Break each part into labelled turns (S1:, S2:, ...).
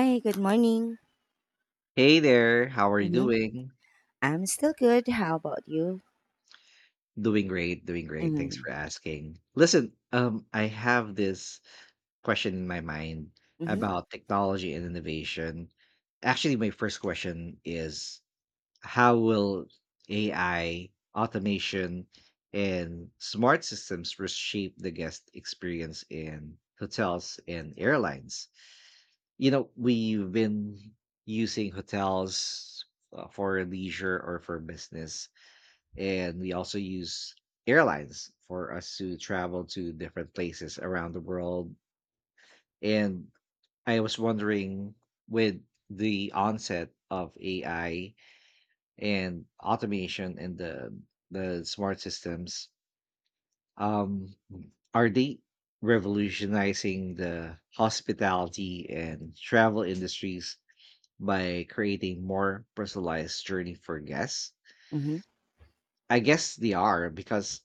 S1: Hi, good morning.
S2: Hey there, how are you
S1: Mhm.
S2: doing?
S1: I'm still good. How about you?
S2: Doing great, doing great. Thanks
S1: Mhm.
S2: for asking. Listen, I have this question in my mind
S1: Mhm.
S2: about technology and innovation. Actually, my first question is how will AI, automation, and smart systems reshape the guest experience in hotels and airlines? You know, we've been using hotels for leisure or for business, and we also use airlines for us to travel to different places around the world. And I was wondering, with the onset of AI and automation and the smart systems, um, are they revolutionizing the hospitality and travel industries by creating more personalized journey for guests?
S1: Mhm.
S2: I guess they are, because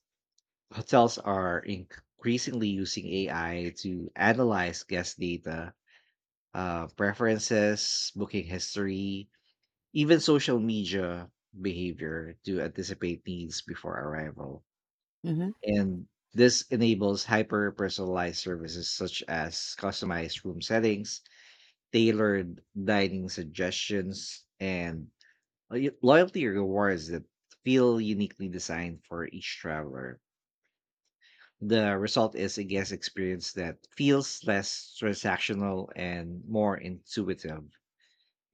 S2: hotels are increasingly using AI to analyze guest data, preferences, booking history, even social media behavior to anticipate needs before arrival.
S1: Mhm.
S2: And this enables hyper personalized services such as customized room settings, tailored dining suggestions, and loyalty rewards that feel uniquely designed for each traveler. The result is a guest experience that feels less transactional and more intuitive.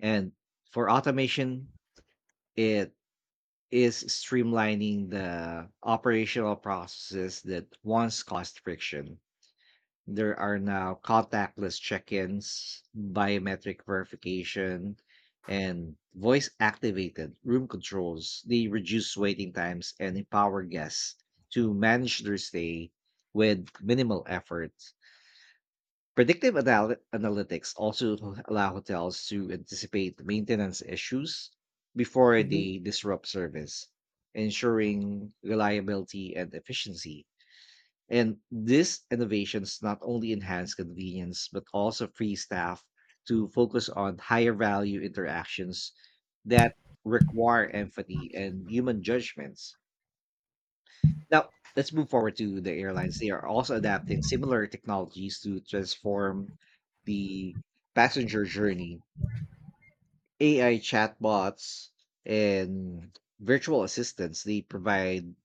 S2: And for automation, it is streamlining the operational processes that once caused friction. There are now contactless check ins, biometric verification, and voice activated room controls. They reduce waiting times and empower guests to manage their stay with minimal effort. Predictive analytics also allow hotels to anticipate maintenance issues before
S1: Mhm.
S2: they disrupt service, ensuring reliability and efficiency. And these innovations not only enhance convenience, but also free staff to focus on higher value interactions that require empathy and human judgments. Now, let's move forward to the airlines. They are also adapting similar technologies to transform the passenger journey. AI chatbots and virtual assistants, they provide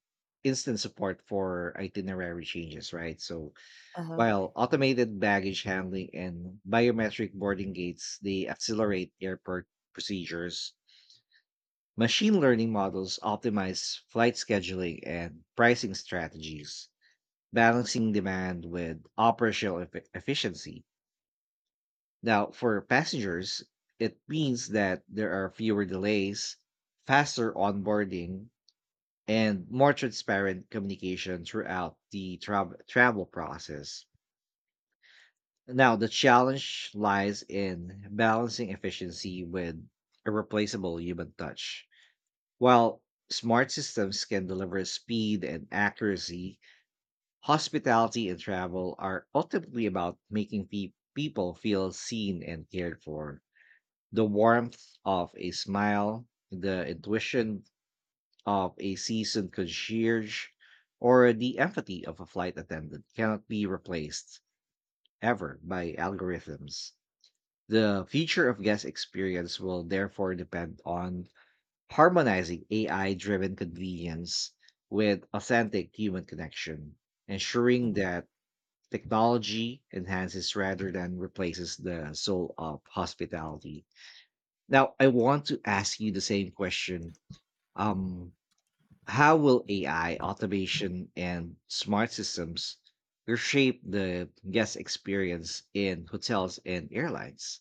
S2: instant support for itinerary changes, right? So
S1: Uh-huh.
S2: while automated baggage handling and biometric boarding gates, they accelerate airport procedures. Machine learning models optimize flight scheduling and pricing strategies, balancing demand with operational efficiency. Now, for passengers, it means that there are fewer delays, faster onboarding, and more transparent communication throughout the travel process. Now, the challenge lies in balancing efficiency with irreplaceable human touch. While smart systems can deliver speed and accuracy, hospitality and travel are ultimately about making people feel seen and cared for. The warmth of a smile, the intuition of a seasoned concierge, or the empathy of a flight attendant cannot be replaced ever by algorithms. The future of guest experience will therefore depend on harmonizing AI driven convenience with authentic human connection, ensuring
S1: Mhm.
S2: that technology enhances rather than replaces the soul of hospitality. Now, I want to ask you the same question. Um, how will AI, automation, and smart systems reshape the guest experience in hotels and airlines?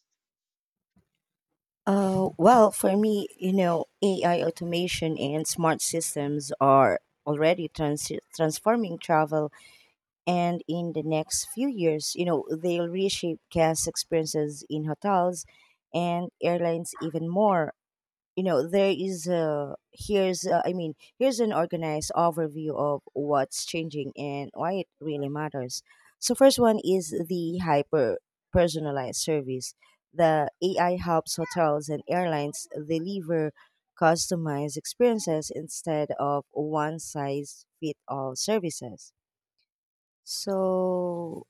S1: Well, for me, AI automation and smart systems are already transforming travel, and in the next few years, they'll reshape guest experiences in hotels and airlines even more. You know there is a here's a, I mean, here's an organized overview of what's changing and why it really matters. So first one is the hyper personalized service. The AI helps hotels and airlines deliver customized experiences instead of one size fit all services. so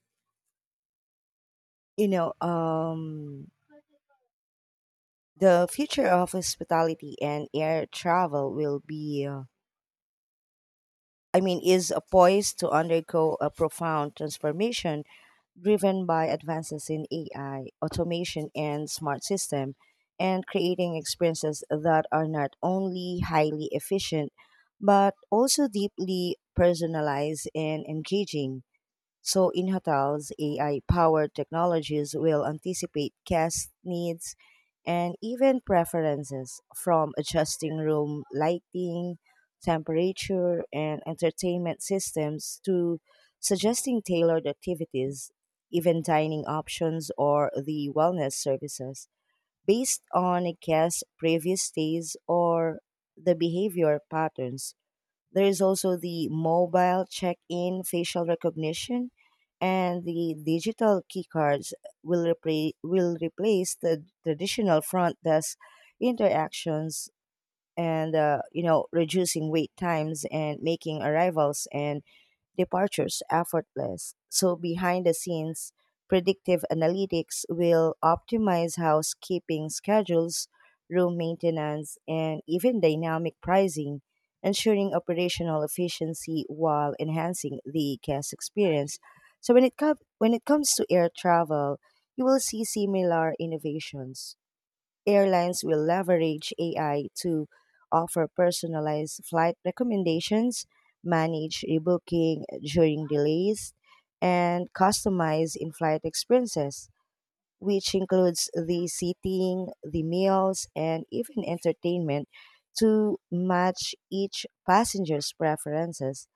S1: you know um the future of hospitality and air travel will be I mean, is poised to undergo a profound transformation driven by advances in AI, automation, and smart system, and creating experiences that are not only highly efficient, but also deeply personalized and engaging. So in hotels, AI-powered technologies will anticipate guest needs and even preferences, from adjusting room lighting, temperature, and entertainment systems to suggesting tailored activities, even dining options or the wellness services based on a guest's previous stays or the behavior patterns. There is also the mobile check-in, facial recognition, and the digital keycards will replace the traditional front desk interactions, and reducing wait times and making arrivals and departures effortless. So behind the scenes, predictive analytics will optimize housekeeping schedules, room maintenance, and even dynamic pricing, ensuring operational efficiency while enhancing the guest experience. So when it comes to air travel, you will see similar innovations. Airlines will leverage AI to offer personalized flight recommendations, manage rebooking during delays, and customize in flight experiences, which includes the seating, the meals, and even entertainment to match each passenger's preferences.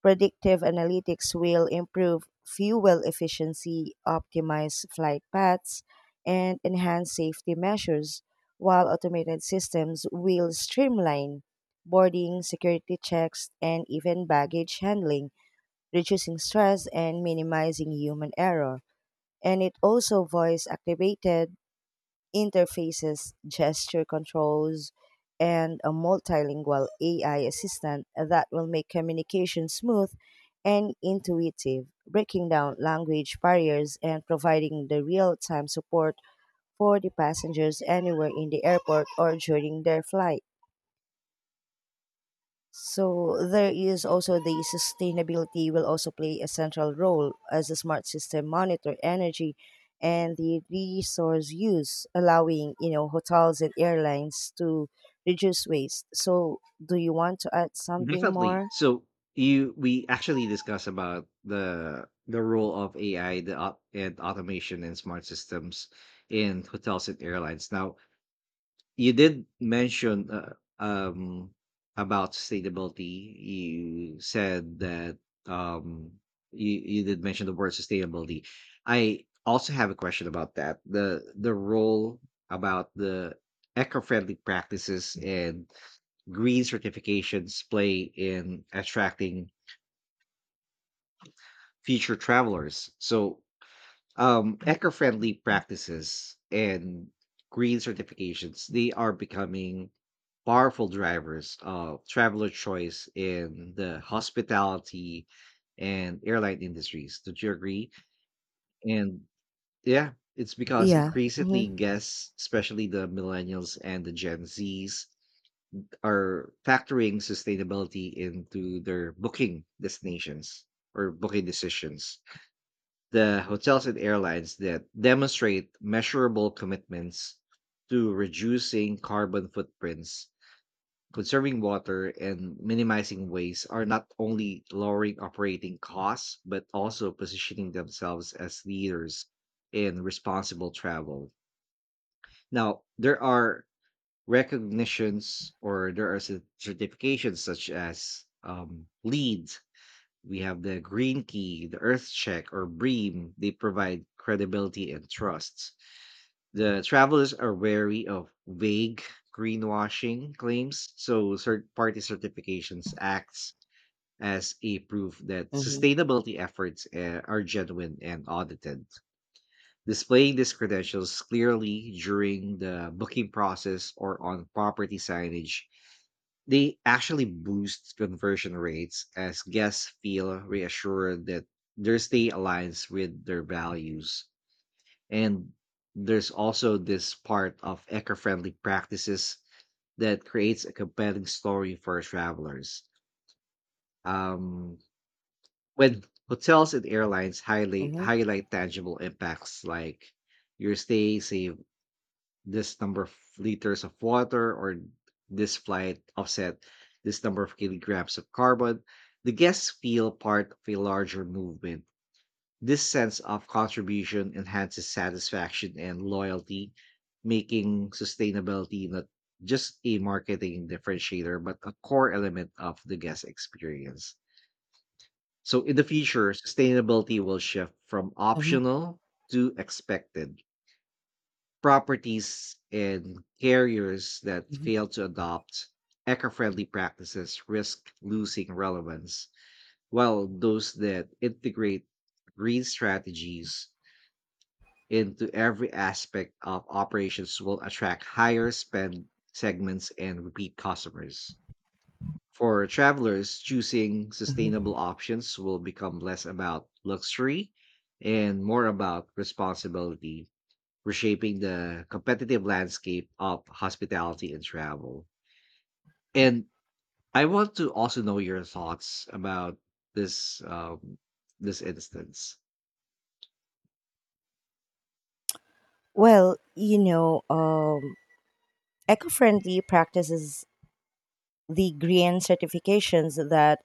S1: Predictive analytics will improve fuel efficiency, optimize flight paths, and enhance safety measures, while automated systems will streamline boarding, security checks, and even baggage handling, reducing stress and minimizing human error. And it also voice activated interfaces, gesture controls, and a multilingual AI assistant that will make communication smooth and intuitive, breaking down language barriers and providing the real time support for the passengers anywhere in the airport or during their flight. So there is also the sustainability will also play a central role as a smart system monitor energy and the resource use, allowing hotels and airlines to reduce waste. So do you want to add something
S2: Definitely.
S1: more?
S2: So you we actually discussed about the role of AI, and automation and smart systems in hotels and airlines. Now, you did mention um about sustainability. You said that, um you did mention the word sustainability. I also have a question about that, the role about the eco-friendly practices and green certifications play in attracting future travelers. So eco-friendly practices and green certifications, they are becoming powerful drivers of traveler choice in the hospitality and airline industries. Do you agree? And yeah, it's because
S1: Yeah. Hmm.
S2: increasingly guests, especially the millennials and the gen z's, are factoring sustainability into their booking destinations or booking decisions. The hotels and airlines that demonstrate measurable commitments to reducing carbon footprints, conserving water, and minimizing waste are not only lowering operating costs, but also positioning themselves as leaders in responsible travel. Now, there are recognitions or there are certifications such as LEED. We have the Green Key, the Earth Check, or BREEAM. They provide credibility and trust. The travelers are wary of vague greenwashing claims, so third party certifications acts as a proof that
S1: Hmm.
S2: sustainability efforts are genuine and audited. Displaying these credentials clearly during the booking process or on property signage, they actually boost conversion rates as guests feel reassured that their stay aligns with their values. And there's also this part of eco friendly practices that creates a compelling story for travelers. Um, when hotels and airlines highly
S1: Hmm.
S2: highlight tangible impacts like your stay saves this number of liters of water, or this flight offset this number of kilograms of carbon, the guests feel part of a larger movement. This sense of contribution enhances satisfaction and loyalty, making sustainability not just a marketing differentiator, but a core element of the guest experience. So, in the future, sustainability will shift from
S1: Hmm.
S2: optional to expected. Properties and carriers that
S1: Hmm.
S2: fail to adopt eco-friendly practices risk losing relevance, while those that integrate green strategies into every aspect of operations will attract higher spend segments and repeat customers. For travelers, choosing sustainable
S1: Hmm.
S2: options will become less about luxury and more about responsibility, reshaping the competitive landscape of hospitality and travel. And I want to also know your thoughts about this this instance.
S1: Well, eco-friendly practices, the green certifications, that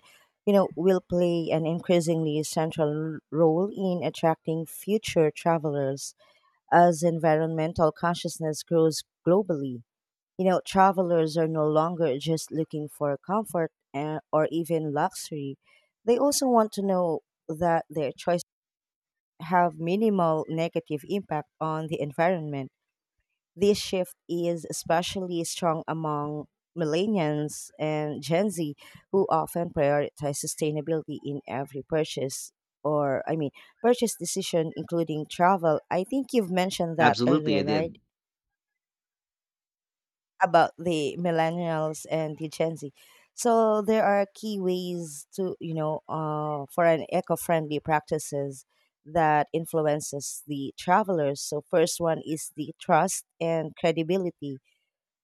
S1: will play an increasingly central role in attracting future travelers as environmental consciousness grows globally. Travelers are no longer just looking for comfort and, or even luxury. They also want to know that their choices have minimal negative impact on the environment. This shift is especially strong among millennials and Gen Z, who often prioritize sustainability in every purchase or, I mean, purchase decision, including travel. I think you've mentioned that
S2: Absolutely,
S1: earlier,
S2: I
S1: right?
S2: did.
S1: About the millennials and the Gen Z. So there are key ways to, for an eco-friendly practices that influences the travelers. So first one is the trust and credibility.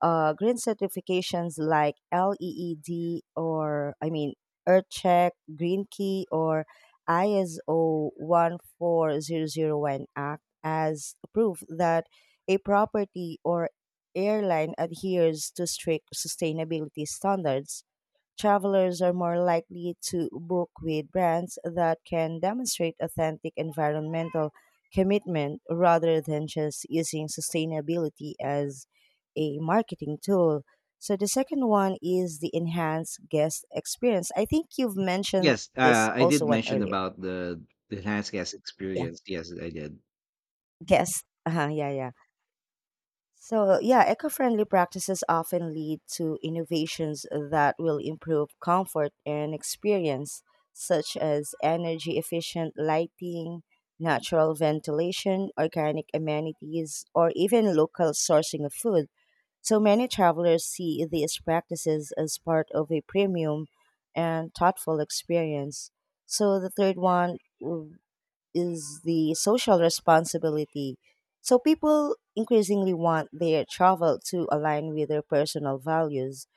S1: Green certifications like LEED, or I mean, EarthCheck, Green Key, or ISO 14001 act as proof that a property or airline adheres to strict sustainability standards. Travelers are more likely to book with brands that can demonstrate authentic environmental commitment rather than just using sustainability as a marketing tool. So the second one is the enhanced guest experience. I think you've mentioned
S2: Yes,
S1: this
S2: I did
S1: also one
S2: mention
S1: earlier.
S2: about the enhanced guest
S1: Yeah,
S2: experience. Yes, I did.
S1: guest. Uh-huh, yeah, yeah. So, yeah, eco friendly practices often lead to innovations that will improve comfort and experience, such as energy efficient lighting, natural ventilation, organic amenities, or even local sourcing of food. So, many travelers see these practices as part of a premium and thoughtful experience. So, the third one is the social responsibility. So people increasingly want their travel to align with their personal values.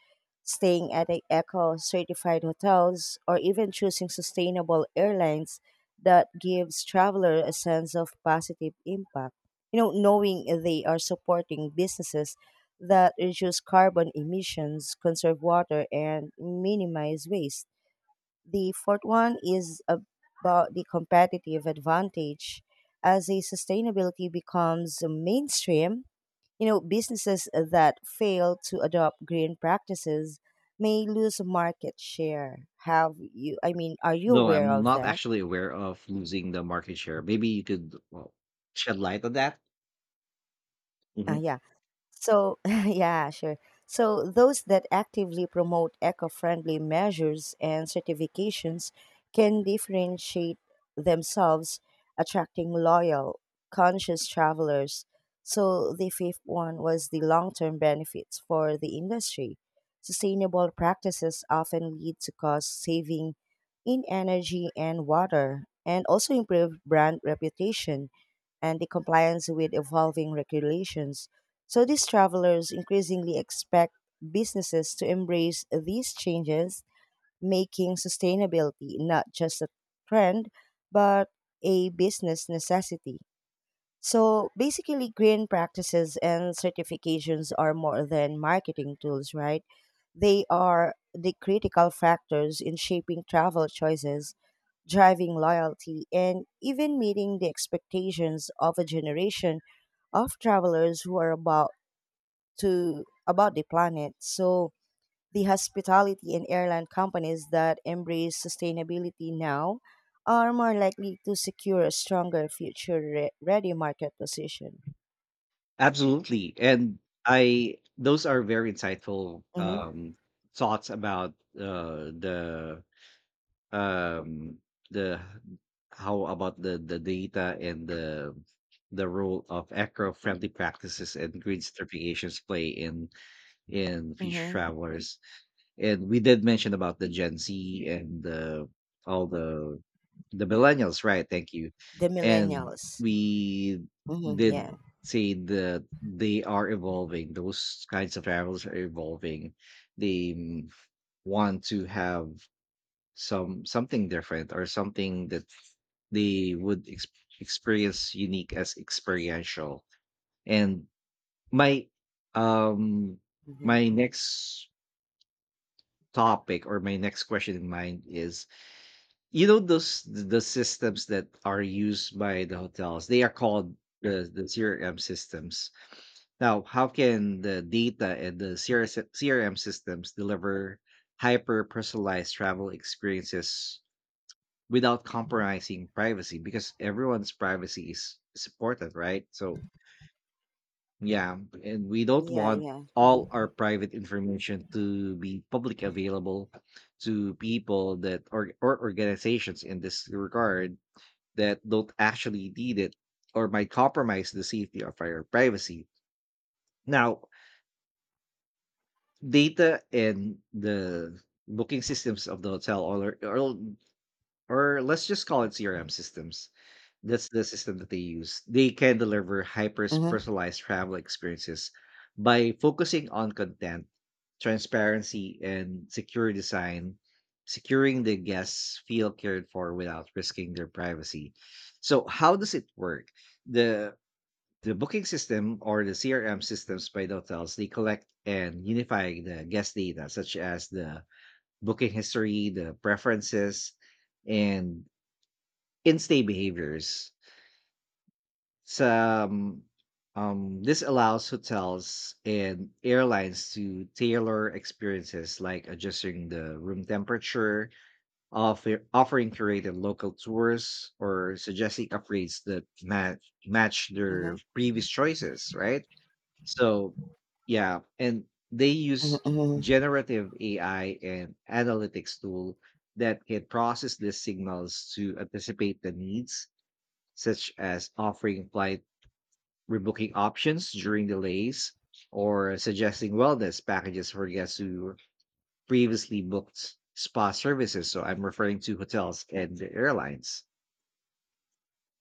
S1: Staying at a eco certified hotels or even choosing sustainable airlines that gives traveler a sense of positive impact. You know, knowing they are supporting businesses that reduce carbon emissions, conserve water, and minimize waste. The fourth one is about the competitive advantage. As a sustainability becomes mainstream, you know, businesses that fail to adopt green practices may lose market share. Have you I mean, are you
S2: No,
S1: aware
S2: I'm
S1: of
S2: not
S1: that?
S2: actually aware of losing the market share. Maybe you could, well, shed light on that. Mm-hmm.
S1: Yeah. So, yeah, sure. So, those that actively promote eco friendly measures and certifications can differentiate themselves, attracting loyal, conscious travelers. So, the fifth one was the long term benefits for the industry. Sustainable practices often lead to cost saving in energy and water, and also improve brand reputation and the compliance with evolving regulations. So these travelers increasingly expect businesses to embrace these changes, making sustainability not just a trend, but a business necessity. So basically, green practices and certifications are more than marketing tools, right? They are the critical factors in shaping travel choices, driving loyalty, and even meeting the expectations of a generation of travelers who are about to about the planet. So the hospitality and airline companies that embrace sustainability now are more likely to secure a stronger future ready market position.
S2: Absolutely, and I those are very insightful
S1: Hmm.
S2: thoughts about uh the um the how about the data and the role of eco-friendly practices and green certifications play in future
S1: Hmm.
S2: travelers. And we did mention about the Gen Z and the all the millennials, right? Thank you.
S1: The
S2: And
S1: millennials.
S2: we
S1: Hmm,
S2: did
S1: yeah.
S2: say that they are evolving. Those kinds of travels are evolving. They want to have some something different or something that they would experience unique as experiential. And my um
S1: Hmm.
S2: next topic or my next question in mind is, you know, those the systems that are used by the hotels, they are called the CRM systems. Now how can the data and the CRS CRM systems deliver hyper personalized travel experiences without compromising privacy, because everyone's privacy is supported, right? So yeah, and we don't
S1: Yeah,
S2: want
S1: yeah.
S2: all
S1: Mhm.
S2: our private information to be public available to people that, or organizations in this regard that don't actually need it or might compromise the safety of our privacy. Now, data and the booking systems of the hotel, or let's just call it CRM systems. That's the system that they use. They can deliver hyper
S1: Mhm.
S2: personalized travel experiences by focusing on content, transparency, and secure design, securing the guests feel cared for without risking their privacy. So, how does it work? The The booking system or the CRM systems by the hotels, they collect and unify the guest data such as the booking history, the preferences, and in-stay behaviors. Some This allows hotels and airlines to tailor experiences like adjusting the room temperature, offering curated local tours, or suggesting upgrades that match
S1: Mhm.
S2: their previous choices, right? So, yeah, and they
S1: Mhm.
S2: use
S1: Mhm.
S2: generative AI and analytics tool that can process these signals to anticipate the needs, such as offering flight rebooking options during delays or suggesting wellness packages for guests who previously booked spa services. So I'm referring to hotels and the airlines.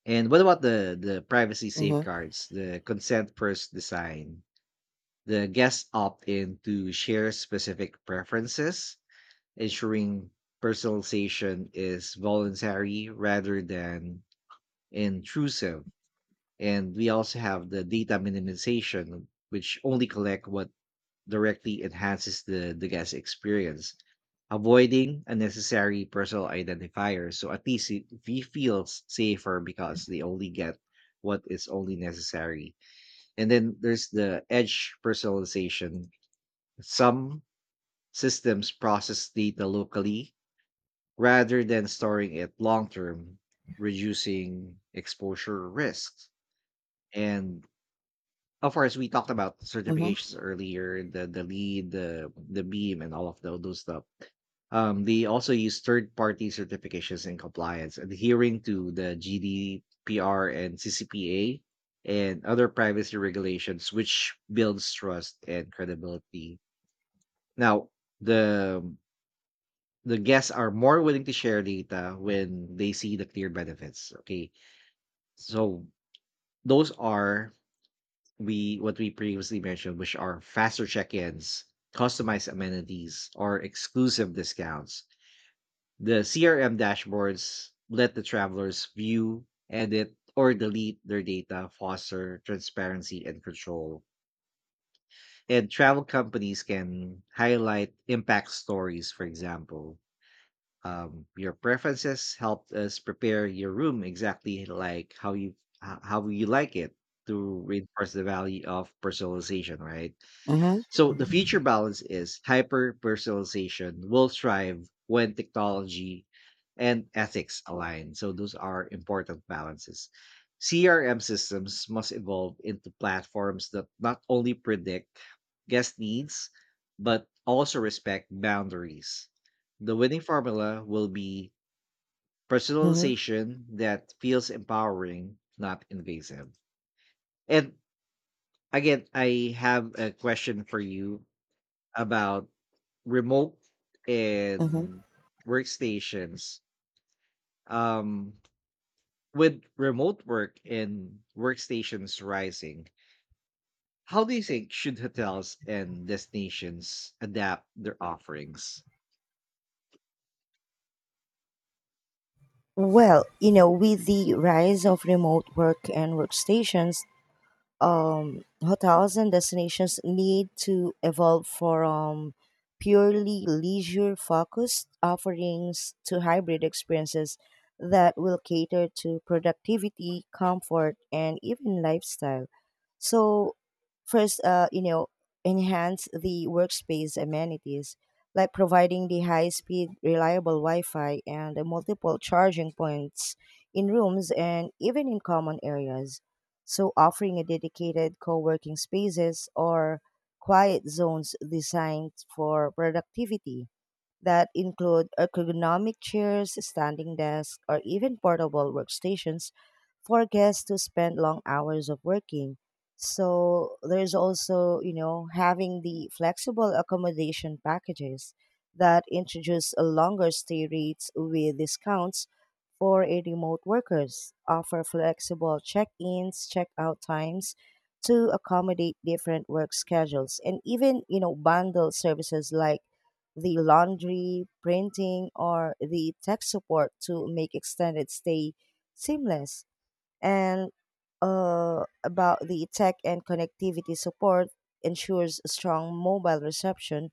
S2: And what about the privacy
S1: Mhm.
S2: safeguards, the consent first design? The guests opt in to share specific preferences, ensuring personalization is voluntary rather than intrusive. And we also have the data minimization, which only collect what directly enhances the guest experience, avoiding unnecessary personal identifiers. So at least it, we feel safer because they only get what is only necessary. And then there's the edge personalization, some systems process data locally rather than storing it long term, reducing exposure risks. And of course, we talked about
S1: Mhm.
S2: certifications earlier, the lead, the beam, and all of those stuff. They also use third party certifications in compliance, adhering to the GDPR and CCPA and other privacy regulations, which builds trust and credibility. Now, the the guests are more willing to share data when they see the clear benefits. Okay. So those are we what we previously mentioned, which are faster check-ins, customized amenities, or exclusive discounts. The CRM dashboards let the travelers view, edit, or delete their data, foster transparency and control. And travel companies can highlight impact stories, for example, your preferences helped us prepare your room exactly like how you how you like it, to reinforce the value of personalization, right?
S1: Mhm. Mhm.
S2: So the future balance is hyper personalization will thrive when technology and ethics align. So those are important balances. CRM systems must evolve into platforms that not only predict guest needs, but also respect boundaries. The winning formula will be
S1: Mhm.
S2: personalization that feels empowering, not invasive. And again, I have a question for you about remote
S1: Mhm.
S2: and workstations. Um, with remote work and workstations rising, how do you think should hotels and destinations adapt their offerings?
S1: Well, with the rise of remote work and workstations, hotels and destinations need to evolve from purely leisure focused offerings to hybrid experiences that will cater to productivity, comfort, and even lifestyle. So, first, enhance the workspace amenities, like providing the high speed, reliable Wi Fi and the multiple charging points in rooms and even in common areas, so offering a dedicated co-working spaces or quiet zones designed for productivity that include ergonomic chairs, standing desks, or even portable workstations for guests to spend long hours of working. So there's also, having the flexible accommodation packages that introduce a longer stay rates with discounts for a remote workers, offer flexible check-ins, check-out times to accommodate different work schedules, and even, bundle services like the laundry, printing, or the tech support to make extended stay seamless. And about the tech and connectivity support, ensures strong mobile reception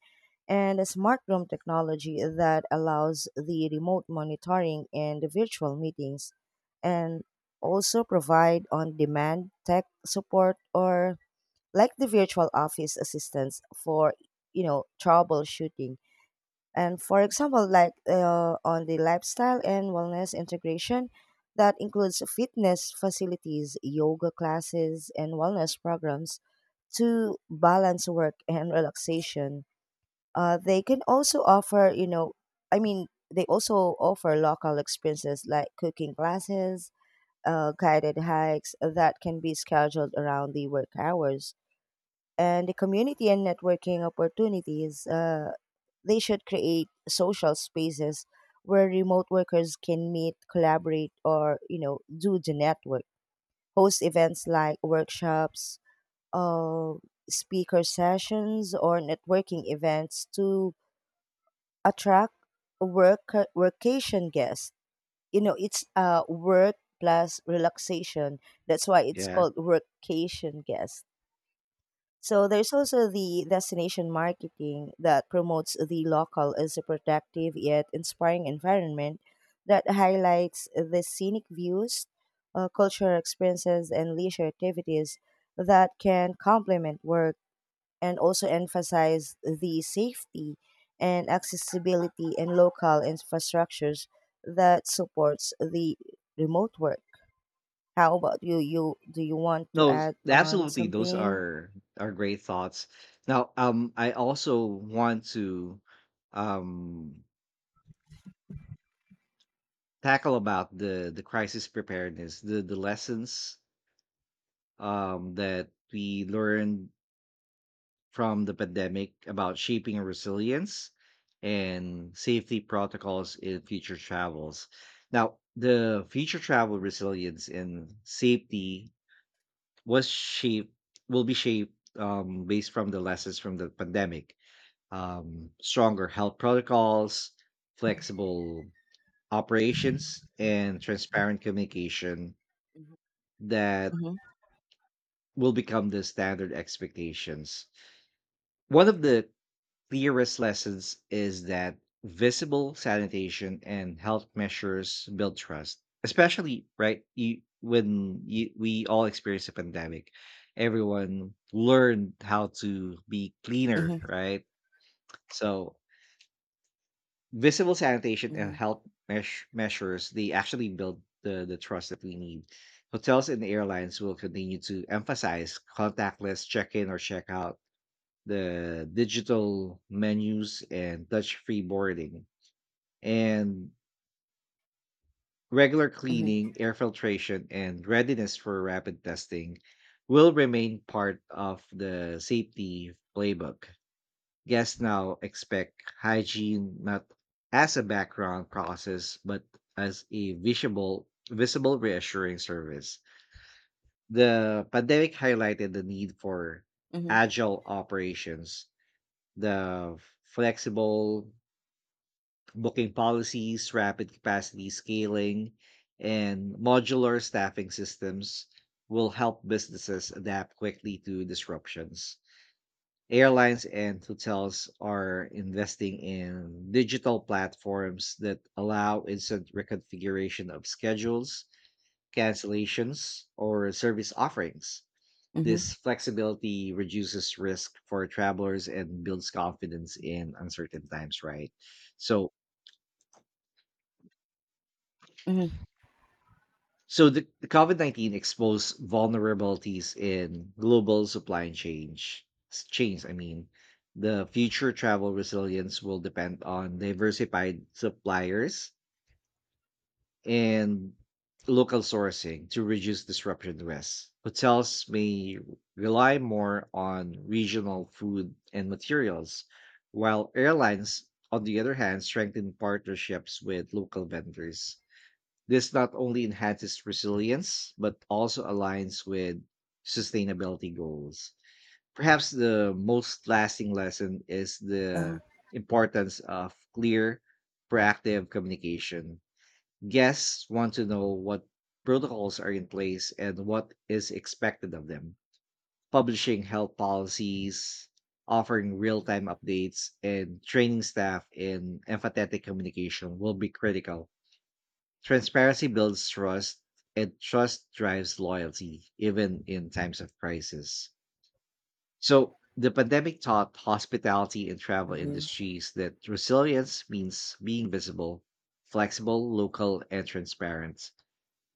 S1: and a smart room technology that allows the remote monitoring and the virtual meetings, and also provide on demand tech support or like the virtual office assistance for troubleshooting. And for example, like, on the lifestyle and wellness integration, that includes fitness facilities, yoga classes, and wellness programs to balance work and relaxation. They can also offer you know I mean, they also offer local experiences like cooking classes, guided hikes that can be scheduled around the work hours. And the community and networking opportunities, they should create social spaces where remote workers can meet, collaborate, or do the network. Host events like workshops, uh, speaker sessions, or networking events to attract work workation guests. You know, it's work plus relaxation. That's why it's
S2: Yeah,
S1: called workcation guests. So there's also the destination marketing that promotes the local as a protective yet inspiring environment that highlights the scenic views, cultural experiences, and leisure activities that can complement work, and also emphasize the safety and accessibility and local infrastructures that supports the remote work. How about you? Do you want to
S2: Those
S1: add on
S2: absolutely, those
S1: something?
S2: are great thoughts. Now, I also want to um tackle about the crisis preparedness, the lessons that we learned from the pandemic about shaping resilience and safety protocols in future travels. Now, the future travel resilience and safety was shaped will be shaped based from the lessons from the pandemic, stronger health protocols, flexible operations, and transparent communication that
S1: Hmm.
S2: will become the standard expectations. One of the clearest lessons is that visible sanitation and health measures build trust, especially when we all experience a pandemic. Everyone learned how to be cleaner,
S1: Hmm.
S2: right? So visible sanitation and
S1: Mhm,
S2: health measures, they actually build the trust that we need. Hotels and airlines will continue to emphasize contactless check-in or check-out, the digital menus and touch-free boarding, and regular
S1: mhm,
S2: cleaning, air filtration, and readiness for rapid testing will remain part of the safety playbook. Guests now expect hygiene not as a background process, but as a visible reassuring service. The pandemic highlighted the need for
S1: mhm,
S2: agile operations, the flexible booking policies, rapid capacity scaling, and modular staffing systems will help businesses adapt quickly to disruptions. Airlines and hotels are investing in digital platforms that allow instant reconfiguration of schedules, cancellations, or service offerings. This
S1: mhm,
S2: flexibility reduces risk for travelers and builds confidence in uncertain times, right? So,
S1: mhm,
S2: So the COVID 19 exposed vulnerabilities in global supply chains. I mean, the future travel resilience will depend on diversified suppliers and local sourcing to reduce disruption risks. Hotels may rely more on regional food and materials, while airlines, on the other hand, strengthen partnerships with local vendors this not only enhances resilience, but also aligns with sustainability goals. Perhaps the most lasting lesson is
S1: uh-huh,
S2: the importance of clear, proactive communication. Guests want to know what protocols are in place and what is expected of them. Publishing health policies, offering real
S1: mhm,
S2: time updates, and training staff in empathetic communication will be critical. Transparency builds trust, and trust drives loyalty, even in times of crisis. So, the pandemic taught hospitality and travel
S1: mhm,
S2: industries that resilience means being visible, flexible, local, and transparent.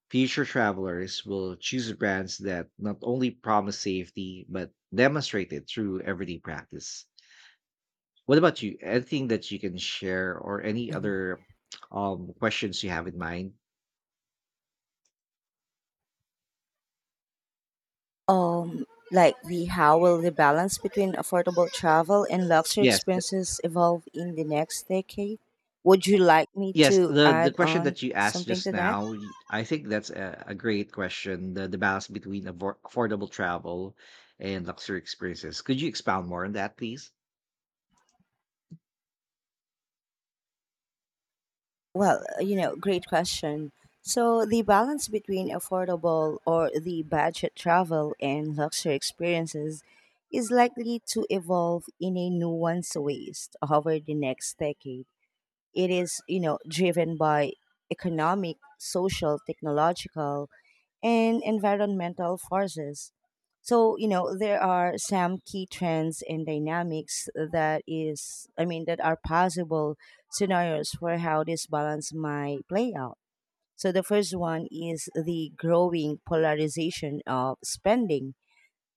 S2: Future travelers will choose brands that not only promise safety, but demonstrate it through everyday practice. What about you? Anything that you can share, or any
S1: mhm.
S2: other questions you have in mind?
S1: Um, like, the how will the balance between affordable travel and luxury
S2: Yes,
S1: experiences evolve in the next decade? Would you like me
S2: Yes,
S1: to
S2: the
S1: add
S2: question
S1: on
S2: that you asked
S1: something
S2: just
S1: to that?
S2: now, I think that's a great question. The balance between affordable travel and luxury experiences. Could you expound more on that, please?
S1: Well, great question. So, the balance between affordable or the budget travel and luxury experiences is likely to evolve in a nuanced ways over the next decade. It is, driven by economic, social, technological, and environmental forces. So, there are some key trends and dynamics that is I mean, that are possible scenarios for how this balance might play out. So the first one is the growing polarization of spending.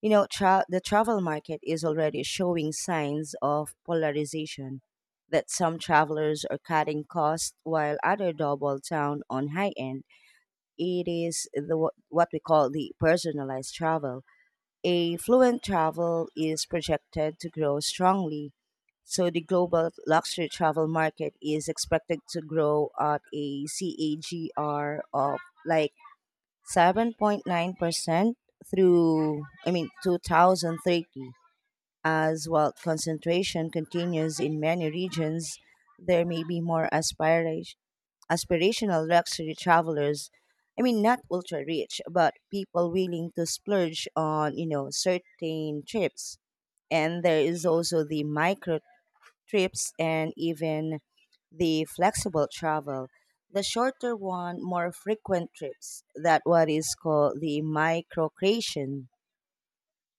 S1: The travel market is already showing signs of polarization, that some travelers are cutting costs while other double down on high end. It is the what we call the personalized travel. A fluent travel is projected to grow strongly. So the global luxury travel market is expected to grow at a CAGR of like 7.9% through, I mean, 2030. As wealth concentration continues in many regions, there may be more aspirational luxury travelers. I mean, not ultra rich, but people willing to splurge on, certain trips. And there is also the micro trips and even the flexible travel. The shorter one, more frequent trips that what is called the microcreation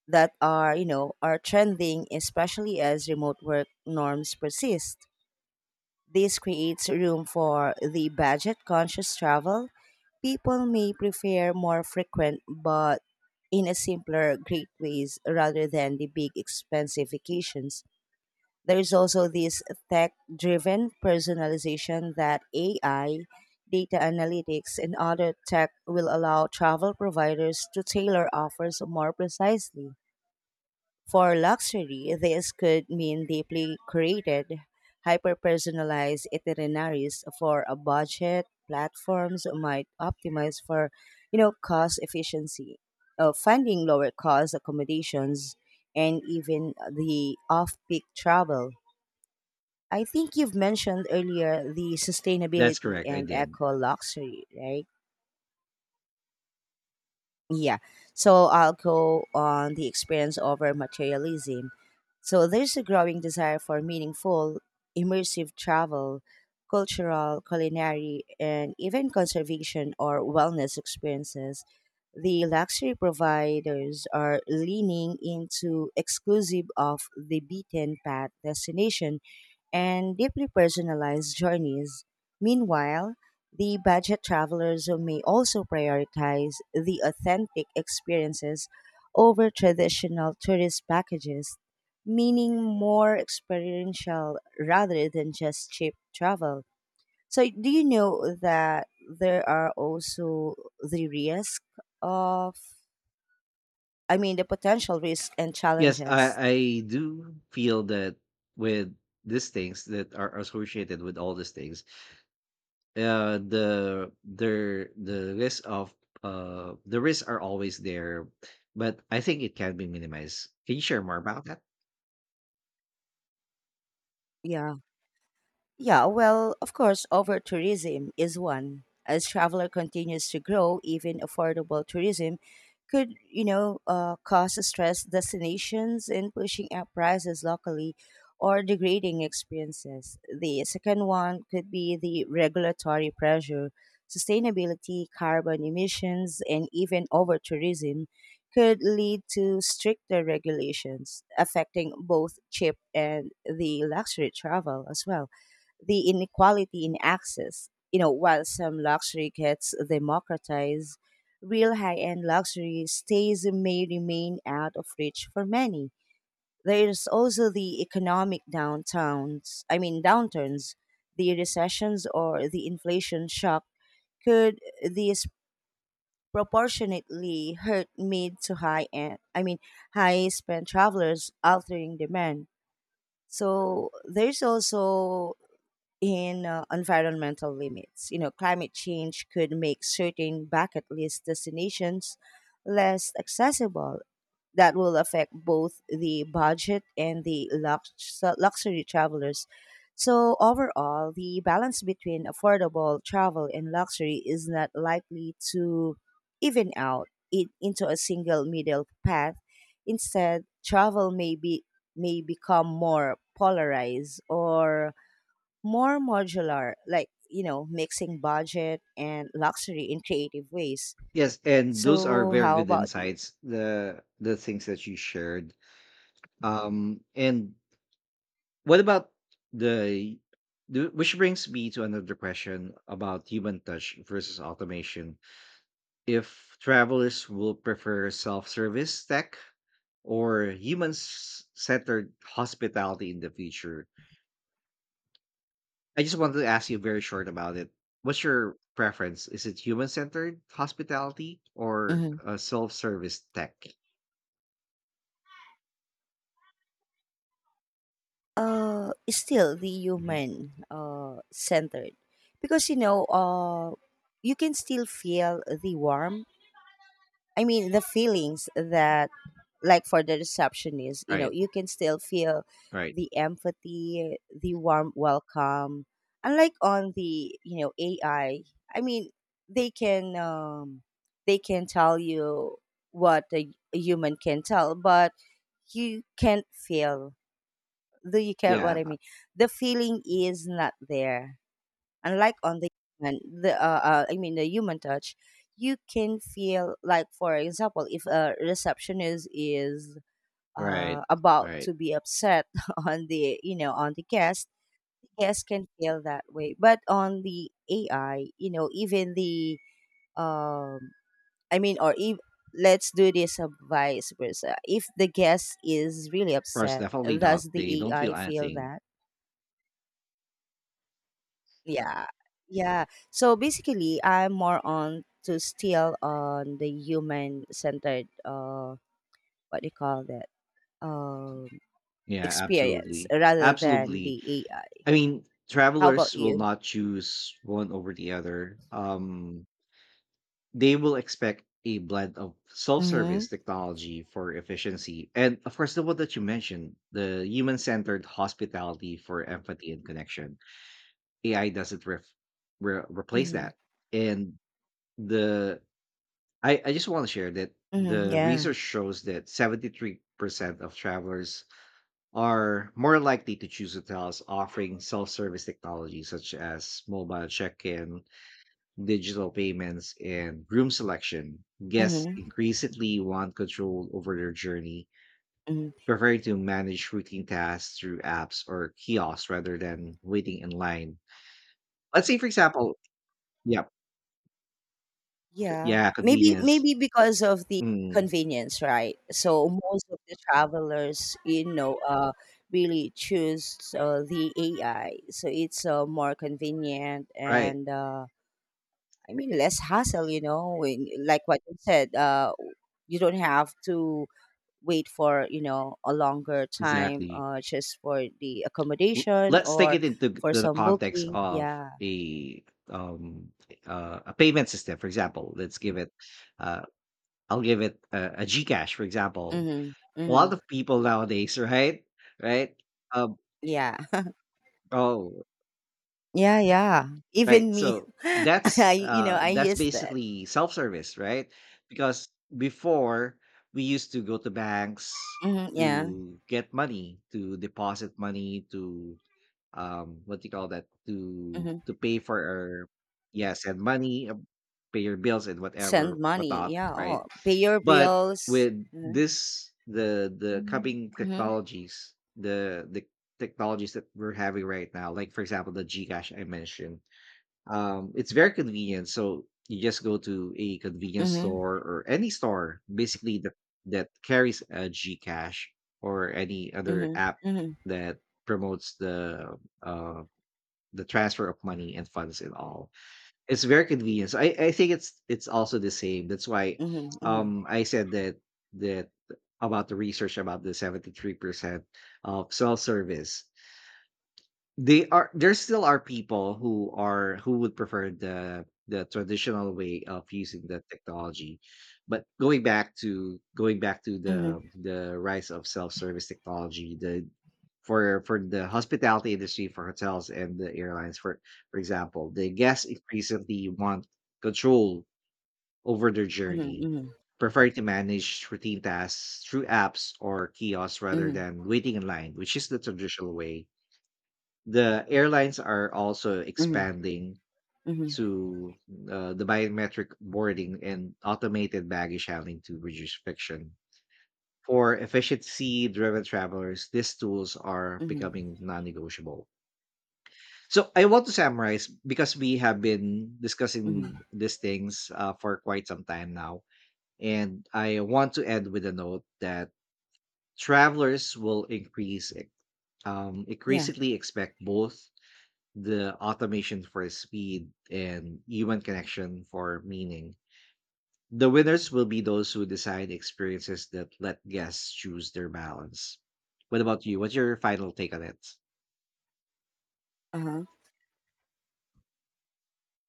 S1: that are trending, especially as remote work norms persist. This creates room for the budget conscious travel. People may prefer more frequent but in a simpler great ways rather than the big expensive vacations. There's also this tech driven personalization that AI, data analytics, and other tech will allow travel providers to tailor offers more precisely. For luxury, this could mean deeply created, hyper personalized itineraries for a budget. Platforms might optimize for, you know, cost efficiency, finding lower cost accommodations, and even the off peak travel. I think you've mentioned earlier the
S2: That's
S1: sustainability
S2: correct. I
S1: and
S2: did.
S1: eco luxury, right? Yeah. So I'll go on the experience over materialism. So there's a growing desire for meaningful, immersive travel, cultural, culinary, and even conservation or wellness experiences. The luxury providers are leaning into exclusive of the beaten path destination and deeply personalized journeys. Meanwhile, the budget travelers may also prioritize the authentic experiences over traditional tourist packages, meaning more experiential rather than just cheap travel. So, do you know that there are also the risk of, I mean, the potential risk and
S2: Yes,
S1: challenges?
S2: I do feel that with these things that are associated with all these things, the the risk of the risks are always there, but I think it can be minimized. Can you share more about that?
S1: Yeah. Yeah, well, of course, over tourism is one. As traveler continues to grow, even affordable tourism could, you know, cause stress destinations in pushing up prices locally or degrading experiences. The second one could be the regulatory pressure, sustainability, carbon emissions, and even over tourism could lead to stricter regulations affecting both cheap and the luxury travel as well the inequality in access. You know, while some luxury gets democratized, real high end luxury stays may remain out of reach for many. There's also the economic downtowns, I mean, downturns, the recessions or the inflation shock could disproportionately hurt mid to high end, I mean, high spend travelers, altering demand. So there's also in environmental limits. You know, climate change could make certain bucket list destinations less accessible. That will affect both the budget and the luxury travelers. So, overall, the balance between affordable travel and luxury is not likely to even out in, into a single middle path. Instead, travel may, be, may become more polarized or more modular, like, you know, mixing budget and luxury in creative ways.
S2: Yes, and those are
S1: So,
S2: very
S1: how
S2: good
S1: about you?
S2: insights. The things that you shared. And what about the, the which brings me to another question about human touch versus automation. If travelers will prefer self-service tech or human-centered hospitality in the future, I just wanted to ask you very short about it. What's your preference? Is it human-centered hospitality or
S1: Hmm.
S2: self-service tech?
S1: Still the
S2: Mhm.
S1: human centered, because you know, you can still feel the warmth. I mean, the feelings that, like for the receptionist, you know,
S2: Right.
S1: you can still feel
S2: Right.
S1: the empathy, the warm welcome. Unlike on the, you know, AI, I mean, they can um, they can tell you what a human can tell, but you can't feel. Do you care
S2: Yeah.
S1: what I mean? The feeling is not there unlike on the human the I mean the human touch. You can feel like for example if a receptionist is
S2: Right.
S1: about to
S2: Right.
S1: be upset on the you know on the guest can feel that way but on the ai you know even the um I mean or if let's do this vice versa if the guest is really
S2: Of course,
S1: upset
S2: definitely not.
S1: does
S2: They
S1: the
S2: don't feel
S1: ai feel
S2: anything.
S1: that. Yeah. Yeah. So basically, I'm more on to still on the human centered, what do you call that? Um,
S2: Yeah,
S1: Experience
S2: absolutely.
S1: rather than
S2: Absolutely.
S1: the AI.
S2: I mean,
S1: How about
S2: travelers will
S1: you?
S2: not choose one over the other. They will expect a blend of
S1: Mm-hmm.
S2: self-service technology for efficiency. And of course, the one that you mentioned, the human-centered hospitality for empathy and connection. AI doesn't ref re replace
S1: Mm-hmm.
S2: that. And the I just want to share that
S1: Hmm.
S2: the
S1: Yeah.
S2: research shows that 73% of travelers are more likely to choose hotels offering self service technology such as mobile check in, digital payments, and room selection. Guests
S1: Mm-hmm.
S2: increasingly want control over their journey,
S1: Hmm.
S2: preferring to manage routine tasks through apps or kiosks rather than waiting in line. Let's say, for example, yeah,
S1: Yeah.
S2: yeah,
S1: Maybe,
S2: convenience.
S1: maybe because of the
S2: Mm,
S1: convenience, right? So most of the travelers, you know, really choose the AI. So it's more convenient
S2: right,
S1: and, I mean, less hassle, you know, when, like what you said, you don't have to wait for, you know, a longer time
S2: exactly.
S1: just for the accommodation
S2: Let's take
S1: or
S2: it into
S1: for
S2: the
S1: some
S2: context
S1: booking.
S2: of
S1: Yeah.
S2: a um a payment system, for example. Let's give it uh I'll give it a gcash, for example.
S1: Mm-hmm.
S2: A
S1: Mm-hmm.
S2: lot of people nowadays right, right, um
S1: Yeah.
S2: oh,
S1: Yeah. Yeah.
S2: right.
S1: Even me,
S2: So
S1: I, you know, I
S2: that's
S1: use that.
S2: basically self-service, right? Because before we used to go to banks
S1: Mm-hmm. Yeah.
S2: to get money, to deposit money, to what do you call that, to
S1: Mm-hmm.
S2: pay for our yes and money, pay your bills and
S1: Send
S2: whatever
S1: money.
S2: whatnot,
S1: Yeah.
S2: right?
S1: Oh, pay your
S2: But
S1: bills.
S2: with
S1: Mm-hmm.
S2: this the Mhm. coming
S1: Mm-hmm.
S2: technologies the technologies that we're having right now, like for example the gcash I mentioned, it's very convenient. So you just go to a convenience
S1: Mm-hmm.
S2: store or any store basically that carries a gcash or any other
S1: Mm-hmm.
S2: app
S1: Mm-hmm.
S2: that promotes uh the transfer of money and funds and all. It's very convenient, so I think it's also the same. That's why
S1: Mm-hmm.
S2: I said that that about the research about the 73% of self-service, they are there still are people who are who would prefer the traditional way of using the technology. But going back to the
S1: Mm-hmm.
S2: the rise of self-service technology, the for the hospitality industry, for hotels and the airlines, for example, the guests increasingly want control over their
S1: Mm-hmm. Mm-hmm.
S2: journey,
S1: Mm-hmm.
S2: preferring to manage routine tasks through apps or kiosks rather
S1: Mm-hmm.
S2: than waiting in line, which is the traditional way. The airlines are also
S1: Mm-hmm.
S2: expanding
S1: Mm-hmm.
S2: to the biometric boarding and automated baggage handling to reduce friction. For efficiency driven travelers, these tools are
S1: Mm-hmm.
S2: becoming non negotiable. So, I want to summarize because we have been discussing
S1: Mm-hmm.
S2: these things for quite some time now. And I want to end with a note that travelers will increase,
S1: Yeah.
S2: increasingly expect both the automation for speed, and human connection for meaning. The winners will be those who design experiences that let guests choose their balance. What about you? What's your final take on it?
S1: Uh-huh.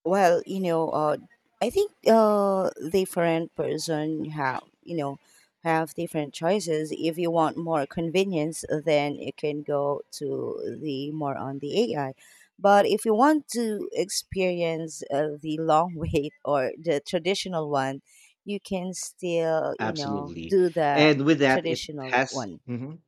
S1: Well, you know, I think different person have you know have different choices. If you want more convenience, then you can go to the more on the AI. But if you want to experience the long wait or the traditional one, you can still you know
S2: Absolutely.
S1: do the
S2: And with that, it
S1: traditional
S2: has
S1: one.
S2: Mhm.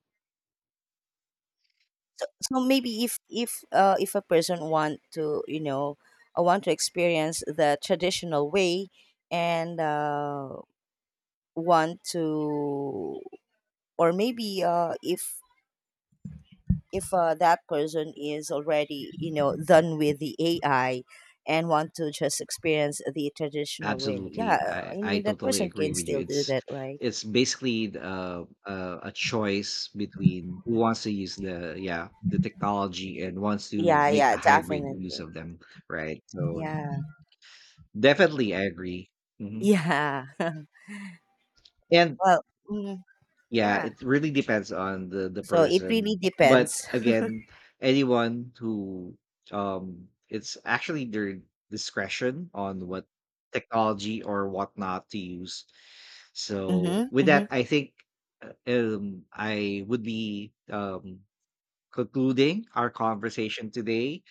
S1: So, so maybe if a person want to you know want to experience the traditional way and want to or maybe if that person is already you know done with the AI and want to just experience the traditional way.
S2: absolutely.
S1: Yeah, I
S2: I
S1: mean that
S2: totally
S1: person
S2: agree
S1: can
S2: with you.
S1: still do that right.
S2: It's basically a choice between who wants to use the technology and wants to
S1: Yeah,
S2: make a
S1: yeah,
S2: hybrid
S1: definitely.
S2: use of them, right? So
S1: Yeah.
S2: definitely, I agree. Hmm.
S1: Yeah.
S2: And
S1: Well, mm,
S2: yeah,
S1: yeah,
S2: it really depends on the
S1: so it really
S2: person. But
S1: depends.
S2: again, anyone who it's actually their discretion on what technology or what not to use. So
S1: Mhm,
S2: with that,
S1: mhm,
S2: I think I would be concluding our conversation today.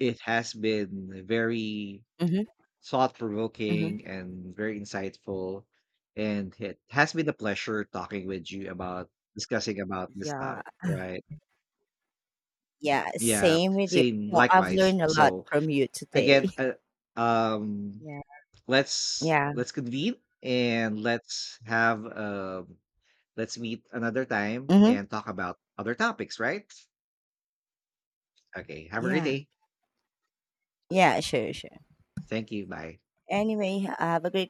S2: It has been very
S1: mhm,
S2: thought
S1: mhm.
S2: provoking and very insightful. And it has been a pleasure talking with you about discussing about this
S1: Yeah,
S2: topic, right?
S1: yeah,
S2: Yeah,
S1: same with you.
S2: same,
S1: No, I've
S2: likewise.
S1: learned a lot
S2: So
S1: from you
S2: again,
S1: today.
S2: um,
S1: Yeah,
S2: let's
S1: yeah,
S2: let's convene and let's have let's meet another time
S1: mhm,
S2: and talk about other topics, right? Okay, have a great
S1: yeah,
S2: day.
S1: yeah, sure, sure.
S2: Thank you. Bye.
S1: Anyway, have a great